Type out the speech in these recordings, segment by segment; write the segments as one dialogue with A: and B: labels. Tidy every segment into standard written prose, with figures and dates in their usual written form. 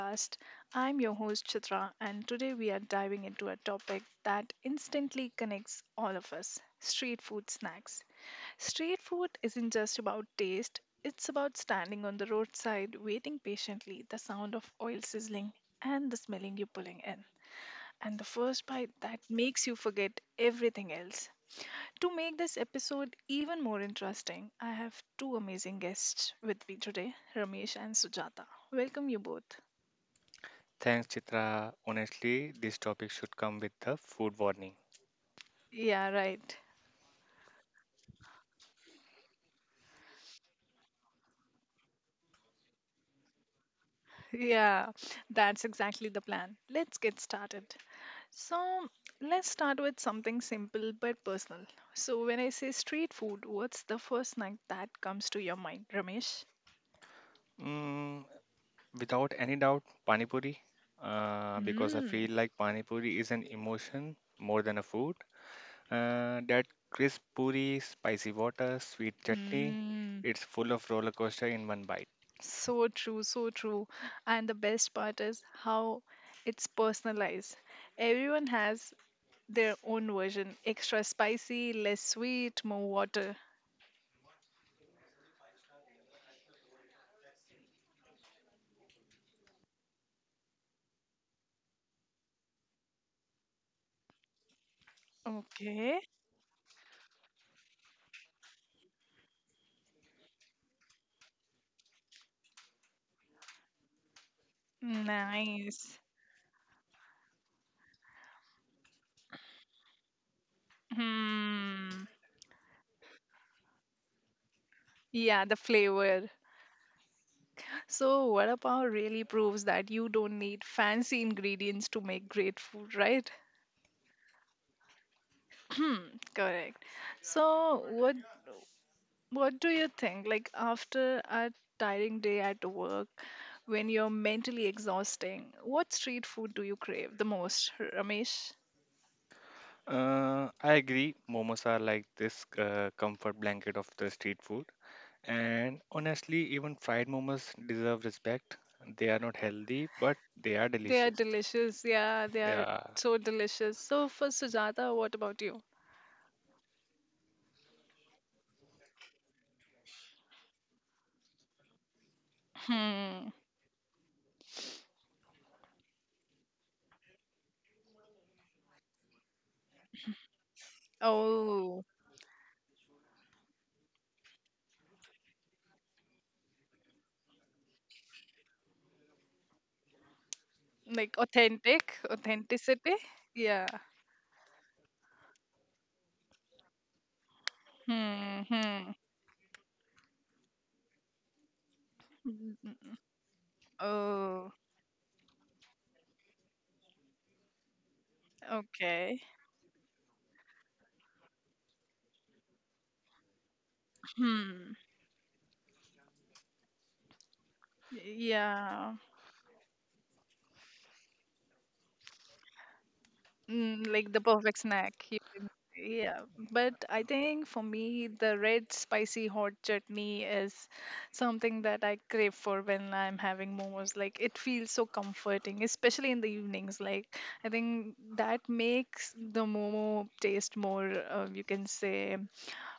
A: podcast. I'm your host, Chitra, and today we are diving into a topic that instantly connects all of us street food snacks. Street food isn't just about taste, it's about standing on the roadside, waiting patiently, the sound of oil sizzling, and the smelling you pulling in, and the first bite that makes you forget everything else. To make this episode even more interesting, I have two amazing guests with me today, Ramesh and Sujata. Welcome you both.
B: Thanks, Chitra. Honestly, this topic should come with the food warning.
A: Yeah, right. Yeah, that's exactly the plan. Let's get started. So, let's start with something simple but personal. So, when I say street food, what's the first snack that comes to your mind, Ramesh?
B: Mm, Without any doubt, Pani Puri, because I
A: Mm,
B: feel like Pani Puri is an emotion more than a food. That crisp puri, spicy water, sweet chutney,
A: mm,
B: it's full of roller coaster in one bite.
A: so true, so true. And the best part is how it's personalized. Everyone has their own version. Extra spicy, less sweet, more water. Okay. Nice. Hmm. Yeah, the flavor. So, vada pav really proves that you don't need fancy ingredients to make great food, right? Hmm. Correct. So, what do you think? Like after a tiring day at work, when you're mentally exhausting, what street food do you crave the most, Ramesh?
B: I agree, momos are like this comfort blanket of the street food. And honestly, even fried momos deserve respect. They are not healthy, but they are
A: They are
B: delicious.
A: delicious. Yeah, they are
B: Yeah,
A: so delicious. So for Sujata, what about you? Hmm. Oh, like authentic, authenticity. Yeah. Hmm. Hmm. Mm, Oh, okay. Hmm. Yeah. Like the perfect snack. Yeah, but I think for me, the red spicy hot chutney is something that I crave for when I'm having momos. Like, it feels so comforting, especially in the evenings. Like, I think that makes the momo taste more, you can say,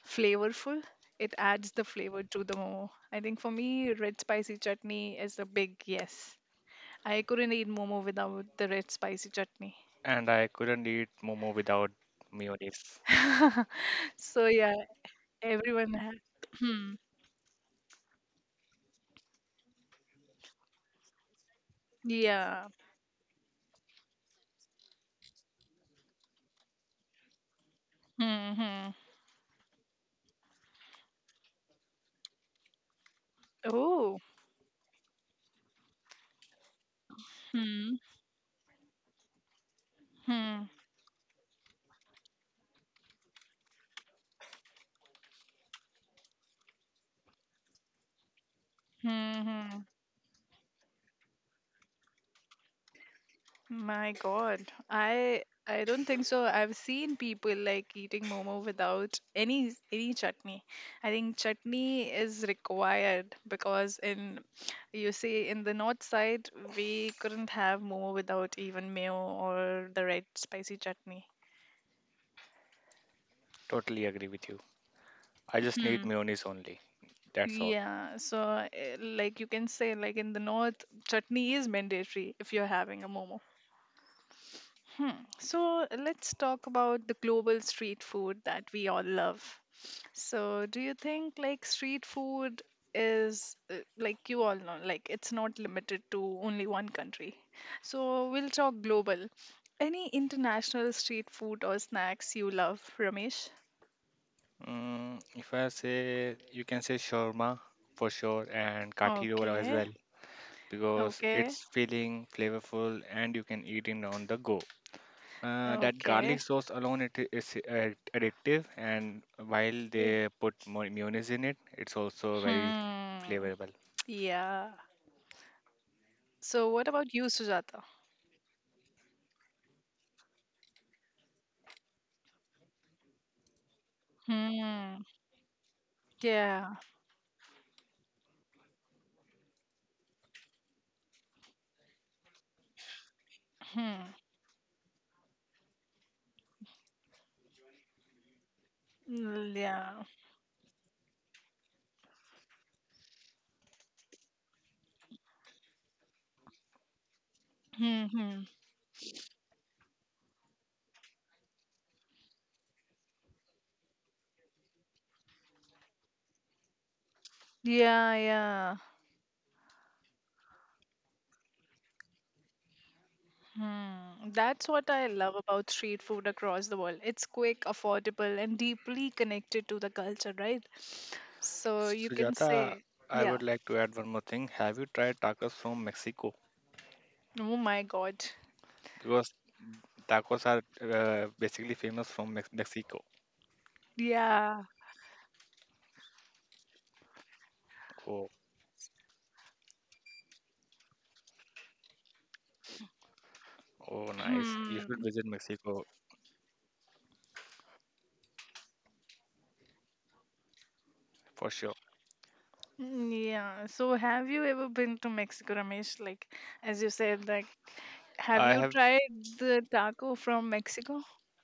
A: flavorful. It adds the flavor to the momo. I think for me, red spicy chutney is a big yes. I couldn't eat momo without the red spicy chutney.
B: and I couldn't eat momo without mayonnaise.
A: So, yeah, everyone has. Yeah. Mm-hmm. Oh. Hmm. Hmm. Hmm. My God. I don't think so. I've seen people like eating momo without any chutney. I think chutney is required because in you see in the north side we couldn't have momo without even mayo or the red spicy chutney.
B: Totally agree with you. I just need
A: Hmm.
B: mayonnaise only. That's all.
A: Yeah, so like you can say, like in the north, chutney is mandatory if you're having a momo. Hmm. So let's talk about the global street food that we all love. So do you think like street food is like you all know, like it's not limited to only one country. So we'll talk global. Any international street food or snacks you love, Ramesh?
B: If I say you can say shawarma for sure and kathi roll as
A: Okay,
B: well because
A: okay,
B: it's feeling flavorful and you can eat it on the go. That
A: okay.
B: garlic sauce alone it is addictive, and while
A: Yeah.
B: they put more mayonnaise in it, it's also very
A: Hmm.
B: flavorful.
A: Yeah. So what about you, Sujata? Hmm. Yeah. Hmm. Yeah. Mm-hmm. Yeah, yeah. Hmm. That's what I love about street food across the world. It's quick, affordable, and deeply connected to the culture, right? So you can
B: Sujata,
A: say,
B: I
A: yeah.
B: would like to add one more thing. Have you tried tacos from Mexico?
A: Oh my God.
B: Because tacos are basically famous from Mexico.
A: Yeah.
B: Oh, oh, nice. You should
A: Hmm.
B: visit Mexico for sure.
A: Hmm, yeah. So have you ever been to Mexico, Ramesh? Like, as you said, like, have
B: I
A: you
B: have
A: tried the taco from Mexico?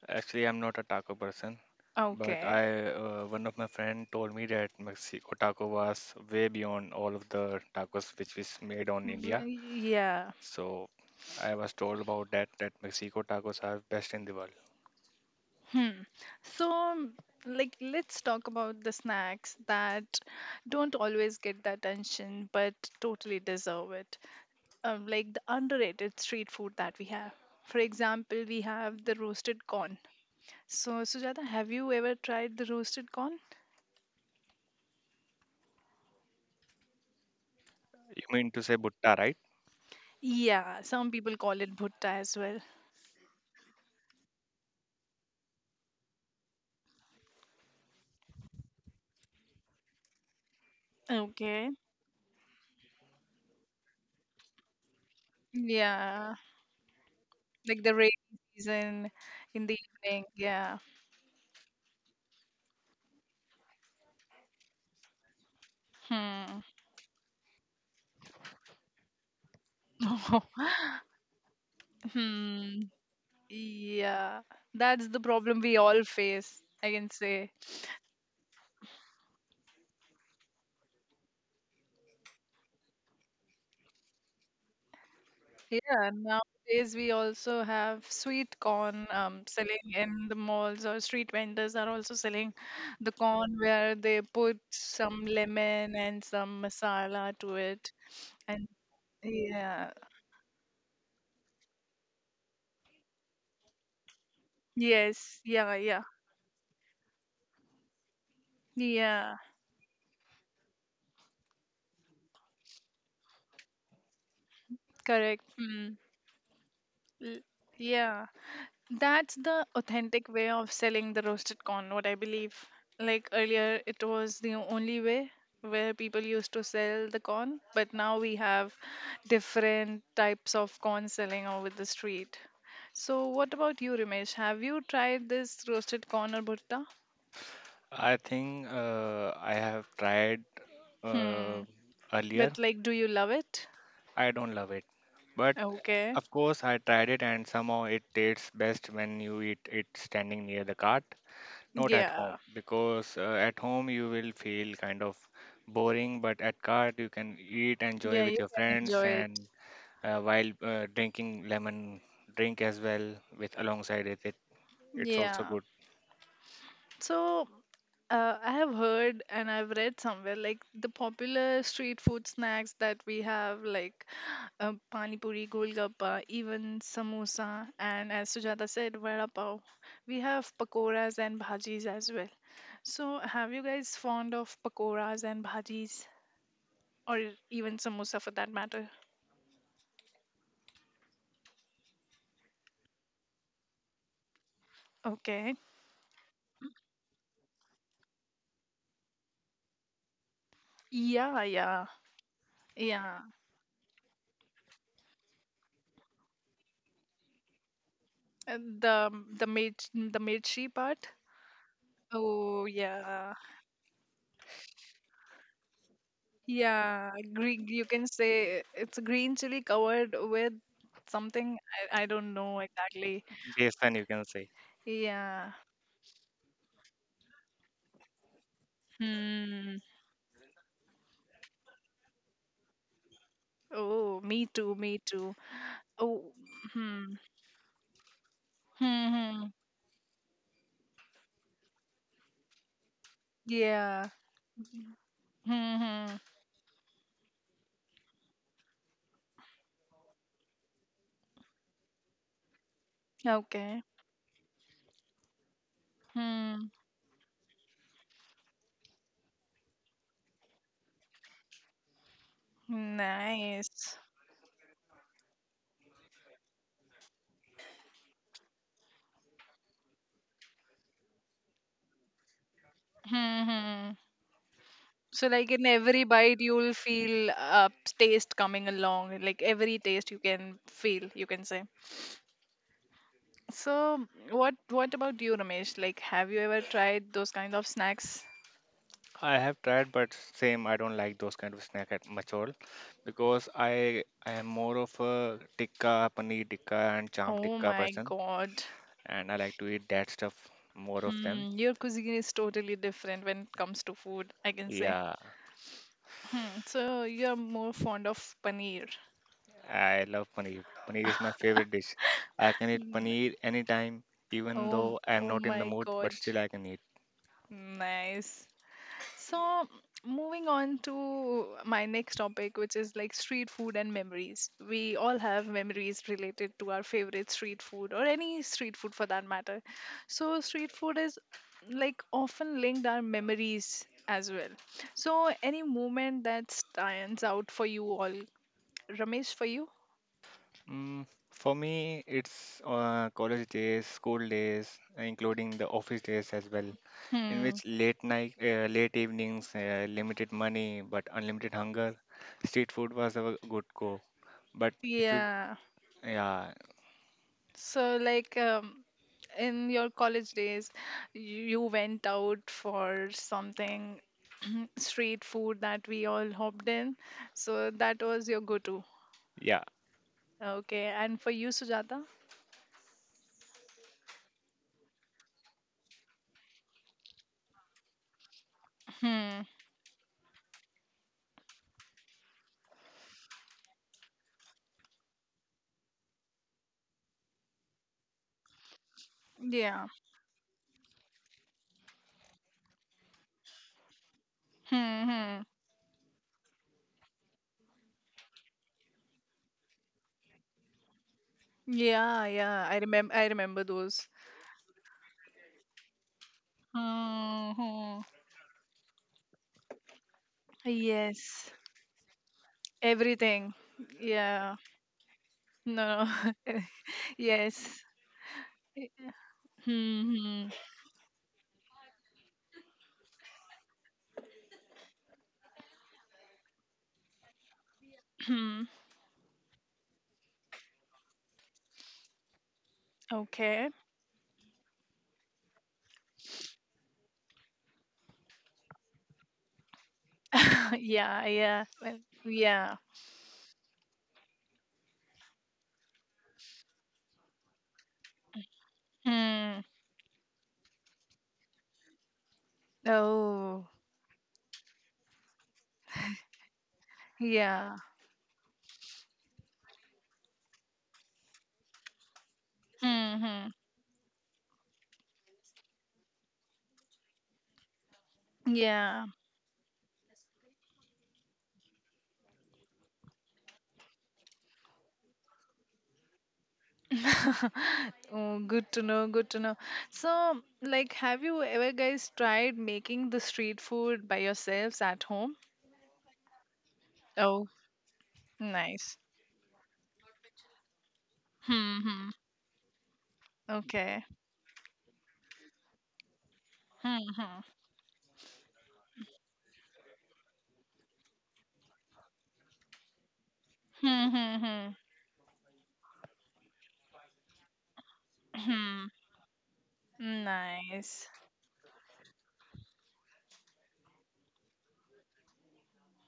B: actually, I'm not a taco person, but
A: Okay.
B: I one of my friend told me that Mexico taco was way beyond all of the tacos which is made on India.
A: Yeah.
B: So I was told about that Mexico tacos are best in the world.
A: Hmm. So, like, let's talk about the snacks that don't always get the attention but totally deserve it. Like the underrated street food that we have. For example, we have the roasted corn. So, Sujata, have you ever tried the roasted corn?
B: You mean to say butta, right?
A: Yeah, some people call it bhutta as well. Okay. Yeah, like the rainy season in the evening. Yeah. Hmm. Hmm. Yeah, that's the problem we all face, I can say. Yeah, nowadays we also have sweet corn selling in the malls, or street vendors are also selling the corn where they put some lemon and some masala to it. And yeah, yes, yeah, yeah, yeah, correct. Mm. L- Yeah, that's the authentic way of selling the roasted corn, what I believe. Like earlier, it was the only way where people used to sell the corn, but now we have different types of corn selling over the street. So, what about you, Ramesh? Have you tried this roasted corn or bhutta?
B: I think I have tried uh,
A: Hmm.
B: earlier.
A: But, like, do you love it?
B: I don't love it, but
A: Okay.
B: of course I tried it, and somehow it tastes best when you eat it standing near the cart, not at
A: Yeah.
B: home, because at home you will feel kind of boring, but at cart you can eat, enjoy
A: Yeah,
B: with
A: you
B: your
A: can
B: friends,
A: enjoy it.
B: and while drinking lemon drink as well with alongside it. It's also
A: Yeah.
B: good.
A: So, I have heard and I've read somewhere like the popular street food snacks that we have, like pani puri, golgappa, even samosa, and as Sujata said, vada pav. We have pakoras and bhajis as well. So, have you guys fond of pakoras and bhajis, or even samosa for that matter? Okay. Yeah, yeah, yeah. Uh, The the mirchi, the mirchi part. Oh yeah. Yeah, green. You can say it's green chili covered with something. I don't know exactly.
B: Besan, you can say.
A: Yeah. Hmm. Oh, me too. Me too. Oh. Hmm. Hmm. Hmm. Yeah. Hmm. Hmm. Okay. Hmm. Nice. Hmm. Hmm. So like in every bite, you'll feel a taste coming along. Like every taste you can feel. You can say. So, what about you, Ramesh? Like, have you ever tried those kind of snacks?
B: I have tried, but same. I don't like those kind of snack at much all because I am more of a tikka, paneer tikka, and chaam
A: Oh
B: tikka
A: my
B: person,
A: God.
B: and I like to eat that stuff more of them.
A: Hmm, your cuisine is totally different when it comes to food, I can say.
B: Yeah,
A: Hmm, so you're more fond of paneer.
B: I love paneer. Paneer is my favorite dish. I can eat paneer anytime, even
A: Oh,
B: though I am
A: oh
B: not in the
A: my
B: mood, but
A: God.
B: still I can eat.
A: Nice. So, moving on to my next topic, which is like street food and memories. We all have memories related to our favorite street food or any street food for that matter. So, street food is like often linked our memories as well. So, any moment that stands out for you all, Ramesh, for you?
B: Mm, for me, it's college days, school days, including the office days as well, in which
A: Hmm.
B: late night, late evenings, limited money but unlimited hunger, street food was a good go. But if you,
A: Yeah.
B: yeah,
A: So, like, in your college days, you went out for something street food that we all hopped in. So that was your go-to.
B: yeah,
A: Okay, and for you, Sujata? Hmm. Yeah. Hmm. Hmm. Yeah. Yeah. I remember. I remember those. Hmm. Hmm. Yes. Everything. Yeah. No. Yes. Hmm. Hmm. Hmm. Okay. Yeah, yeah, well, yeah. Mm. Oh, yeah. Hmm. Yeah. Oh, good to know. Good to know. So, like, have you ever guys tried making the street food by yourselves at home? Oh, nice. Hmm. Okay. Hmm. Hmm. Hmm. Hmm. Hmm. Nice.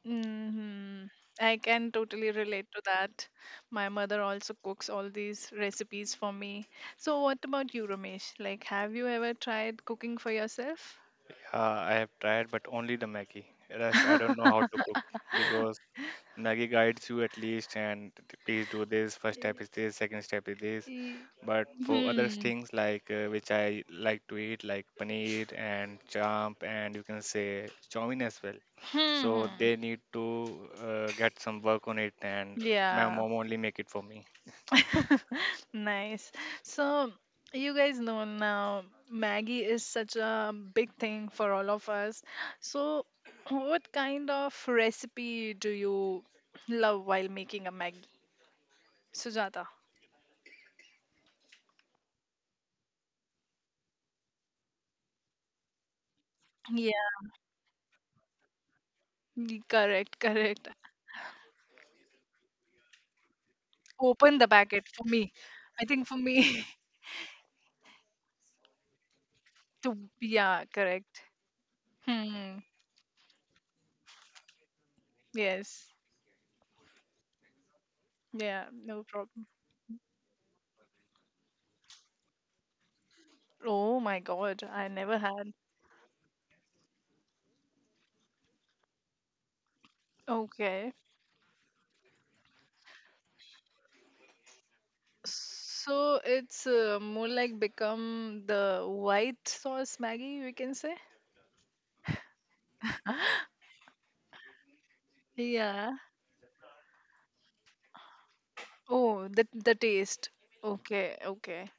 A: Mhm. I can totally relate to that. My mother also cooks all these recipes for me. So, what about you, Ramesh? Like, have you ever tried cooking for yourself?
B: I have tried, but only the Maggie. Rest, I don't know how to cook because Maggie guides you at least, and please do this. First step
A: Y-
B: is this, second step is this.
A: y-
B: But for other
A: Hmm.
B: things like which I like to eat, like paneer and champ, and you can say chow mein as well. So
A: Hmm.
B: they need to get some work on it, and my
A: Yeah.
B: mom only make it for me.
A: Nice. So, you guys know now Maggie is such a big thing for all of us. So, what kind of recipe do you love while making a Maggie? Sujata. Yeah, correct, correct. Open the packet for me. I think for me to yeah, correct. Hmm. Yes. Yeah, no problem. Oh my god, I never had. Okay. So it's more like become the white sauce Maggie, we can say. Yeah. Oh, the taste. Okay, okay.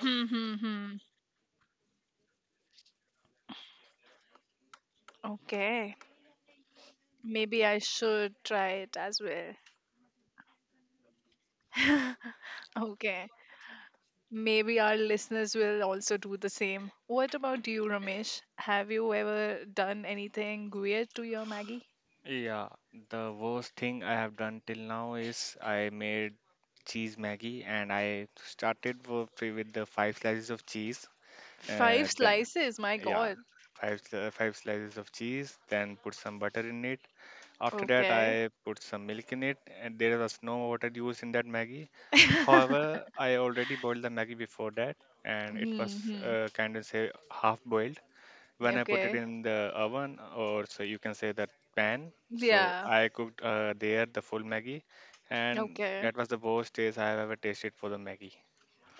A: Hmm, hmm, hmm. Okay. Maybe I should try it as well. Okay. Maybe our listeners will also do the same. What about you, Ramesh? Have you ever done anything weird to your Maggie?
B: Yeah, the worst thing I have done till now is I made cheese Maggie, and I started with the five slices of cheese.
A: Five
B: Then
A: slices, my
B: yeah,
A: God.
B: five slices of cheese, then put some butter in it. After that,
A: Okay.
B: I put some milk in it, and there was no water used in that Maggie. However, I already boiled the Maggie before that, and it was
A: Hmm.
B: kind of say half boiled. When I put it
A: Okay.
B: in the oven, or so you can say that pan, so
A: Yeah.
B: I cooked there the full Maggie, and
A: Okay.
B: that was the worst taste I have ever tasted for the Maggie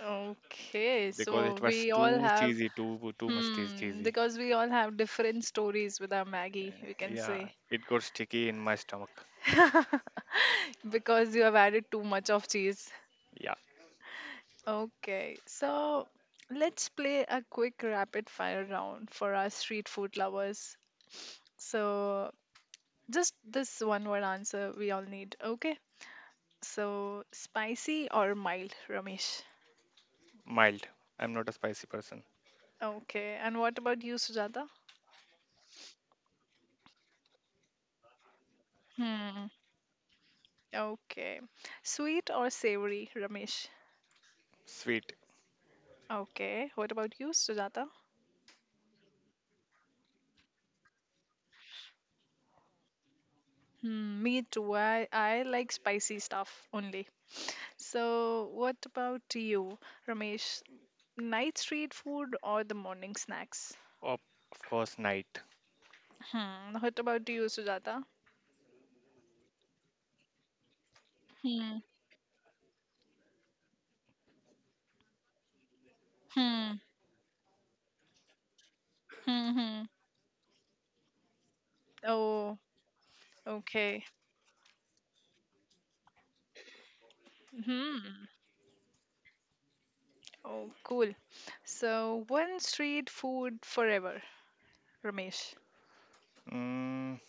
A: Okay.
B: because
A: So
B: it was
A: we all
B: too
A: have,
B: cheesy, too much
A: hmm,
B: cheesy.
A: because we all have different stories with our Maggie, we can
B: Yeah,
A: say.
B: it got sticky in my stomach.
A: Because you have added too much of cheese.
B: Yeah,
A: Okay, so let's play a quick rapid fire round for our street food lovers. So, just this one word answer we all need. Okay, so spicy or mild, Ramesh?
B: mild. I'm not a spicy person.
A: Okay, and what about you, Sujata? Hmm, okay. Sweet or savory, Ramesh?
B: Sweet.
A: Okay, what about you, Sujata? Hmm, me too. I like spicy stuff only. So, what about you, Ramesh? Night street food or the morning snacks?
B: Of of course, night.
A: Hmm. What about you, Sujata? Hmm. Hmm. Hmm. Hmm. Oh, okay. Hmm. Oh, cool. So, one street food forever, Ramesh.
B: Mm,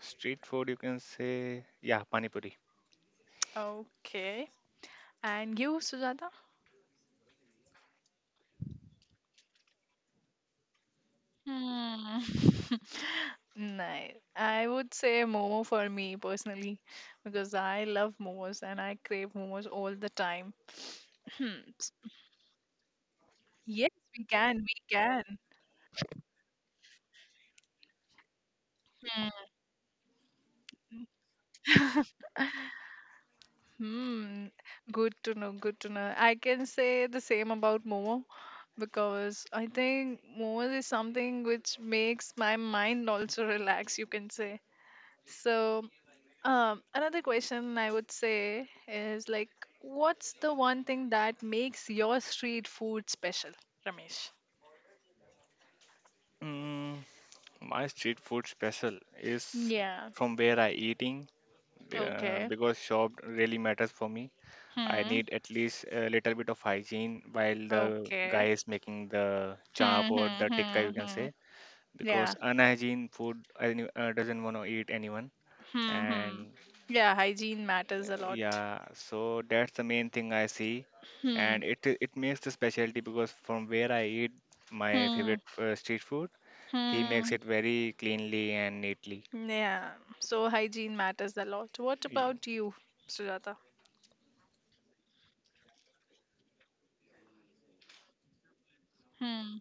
B: Street food, you can say, yeah, pani puri.
A: Okay. And you, Sujata? Hmm. Nice. I would say momo for me personally because I love momos and I crave momos all the time. Yes, we can. We can. Hmm. Hmm. Good to know. Good to know. I can say the same about Momo because I think Momo is something which makes my mind also relax, you can say. So, another question I would say is like, what's the one thing that makes your street food special, Ramesh?
B: Mm, my street food special is
A: Yeah.
B: from where I eating
A: Okay.
B: because shop really matters for me. I
A: Hmm.
B: need at least a little bit of hygiene while the guy
A: Okay.
B: is making the chop
A: Hmm.
B: or
A: Hmm.
B: the tikka,
A: Hmm.
B: you can
A: Hmm.
B: say, because
A: Yeah.
B: unhygiene food I doesn't want to eat anyone.
A: Hmm. Hmm.
B: And
A: Yeah. Hygiene matters a lot.
B: yeah, so that's the main thing I see,
A: Hmm.
B: and it makes the specialty because from where I eat my
A: Hmm.
B: favorite street food, he makes
A: Hmm.
B: it very cleanly and neatly.
A: Yeah. So hygiene matters a lot. What
B: Y-
A: about you, Sujata? Hmm.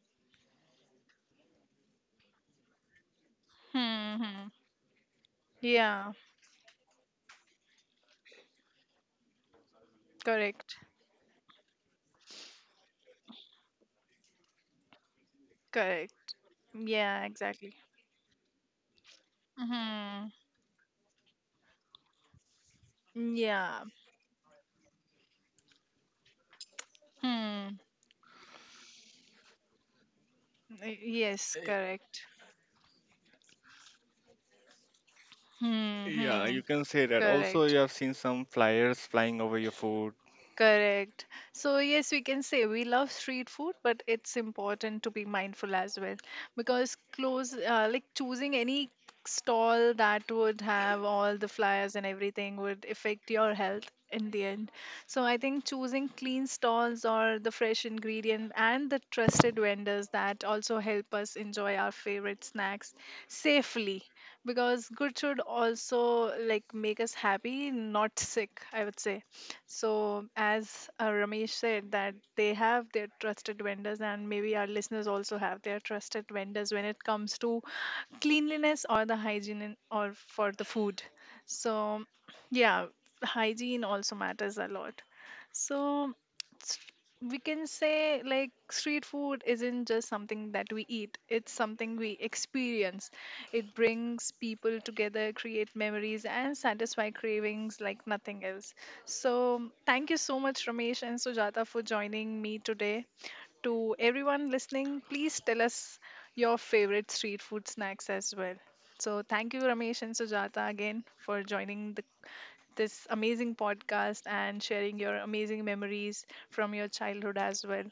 A: Hmm. Hmm. Yeah. Correct. Correct. Yeah. Exactly. Hmm. Yeah. Hmm. Yes. Correct. Hmm.
B: Yeah,
A: Hmm.
B: you can say that. Also,
A: Correct.
B: you have seen some flyers flying over your food.
A: Correct. So, yes, we can say we love street food, but it's important to be mindful as well because close, like choosing any stall that would have all the flyers and everything would affect your health in the end. So, I think choosing clean stalls or the fresh ingredient and the trusted vendors that also help us enjoy our favorite snacks safely because good should also like make us happy, not sick, I would say so, as Ramesh said, that they have their trusted vendors, and maybe our listeners also have their trusted vendors when it comes to cleanliness or the hygiene in, or for the food so yeah hygiene also matters a lot so s- we can say like street food isn't just something that we eat, it's something we experience. It brings people together, create memories and satisfy cravings like nothing else. So thank you so much Ramesh and Sujata for joining me today. To everyone listening, please tell us your favorite street food snacks as well. So, thank you, Ramesh and Sujata, again for joining this amazing podcast and sharing your amazing memories from your childhood as well.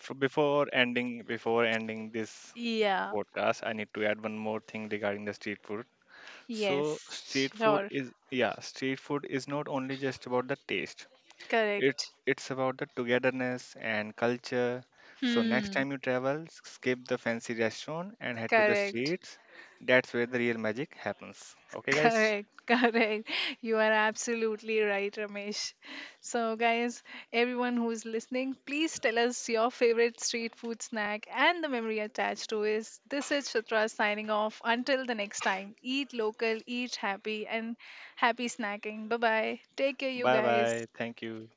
B: So before ending, this
A: Yeah,
B: podcast, I need to add one more thing regarding the street food. So
A: yes,
B: street food
A: sure,
B: is yeah, street food is not only just about the taste. It,
A: correct.
B: it's about the togetherness and culture. So next
A: Hmm,
B: time you travel, skip the fancy restaurant and head to the
A: correct.
B: streets. That's where the real magic happens. Okay, guys.
A: Correct, correct. You are absolutely right, Ramesh. So, guys, everyone who's listening, please tell us your favorite street food snack and the memory attached to it. This is Chitra signing off. Until the next time, eat local, eat happy, and happy snacking. Bye bye. Take care, you
B: Bye
A: guys.
B: bye. Thank you.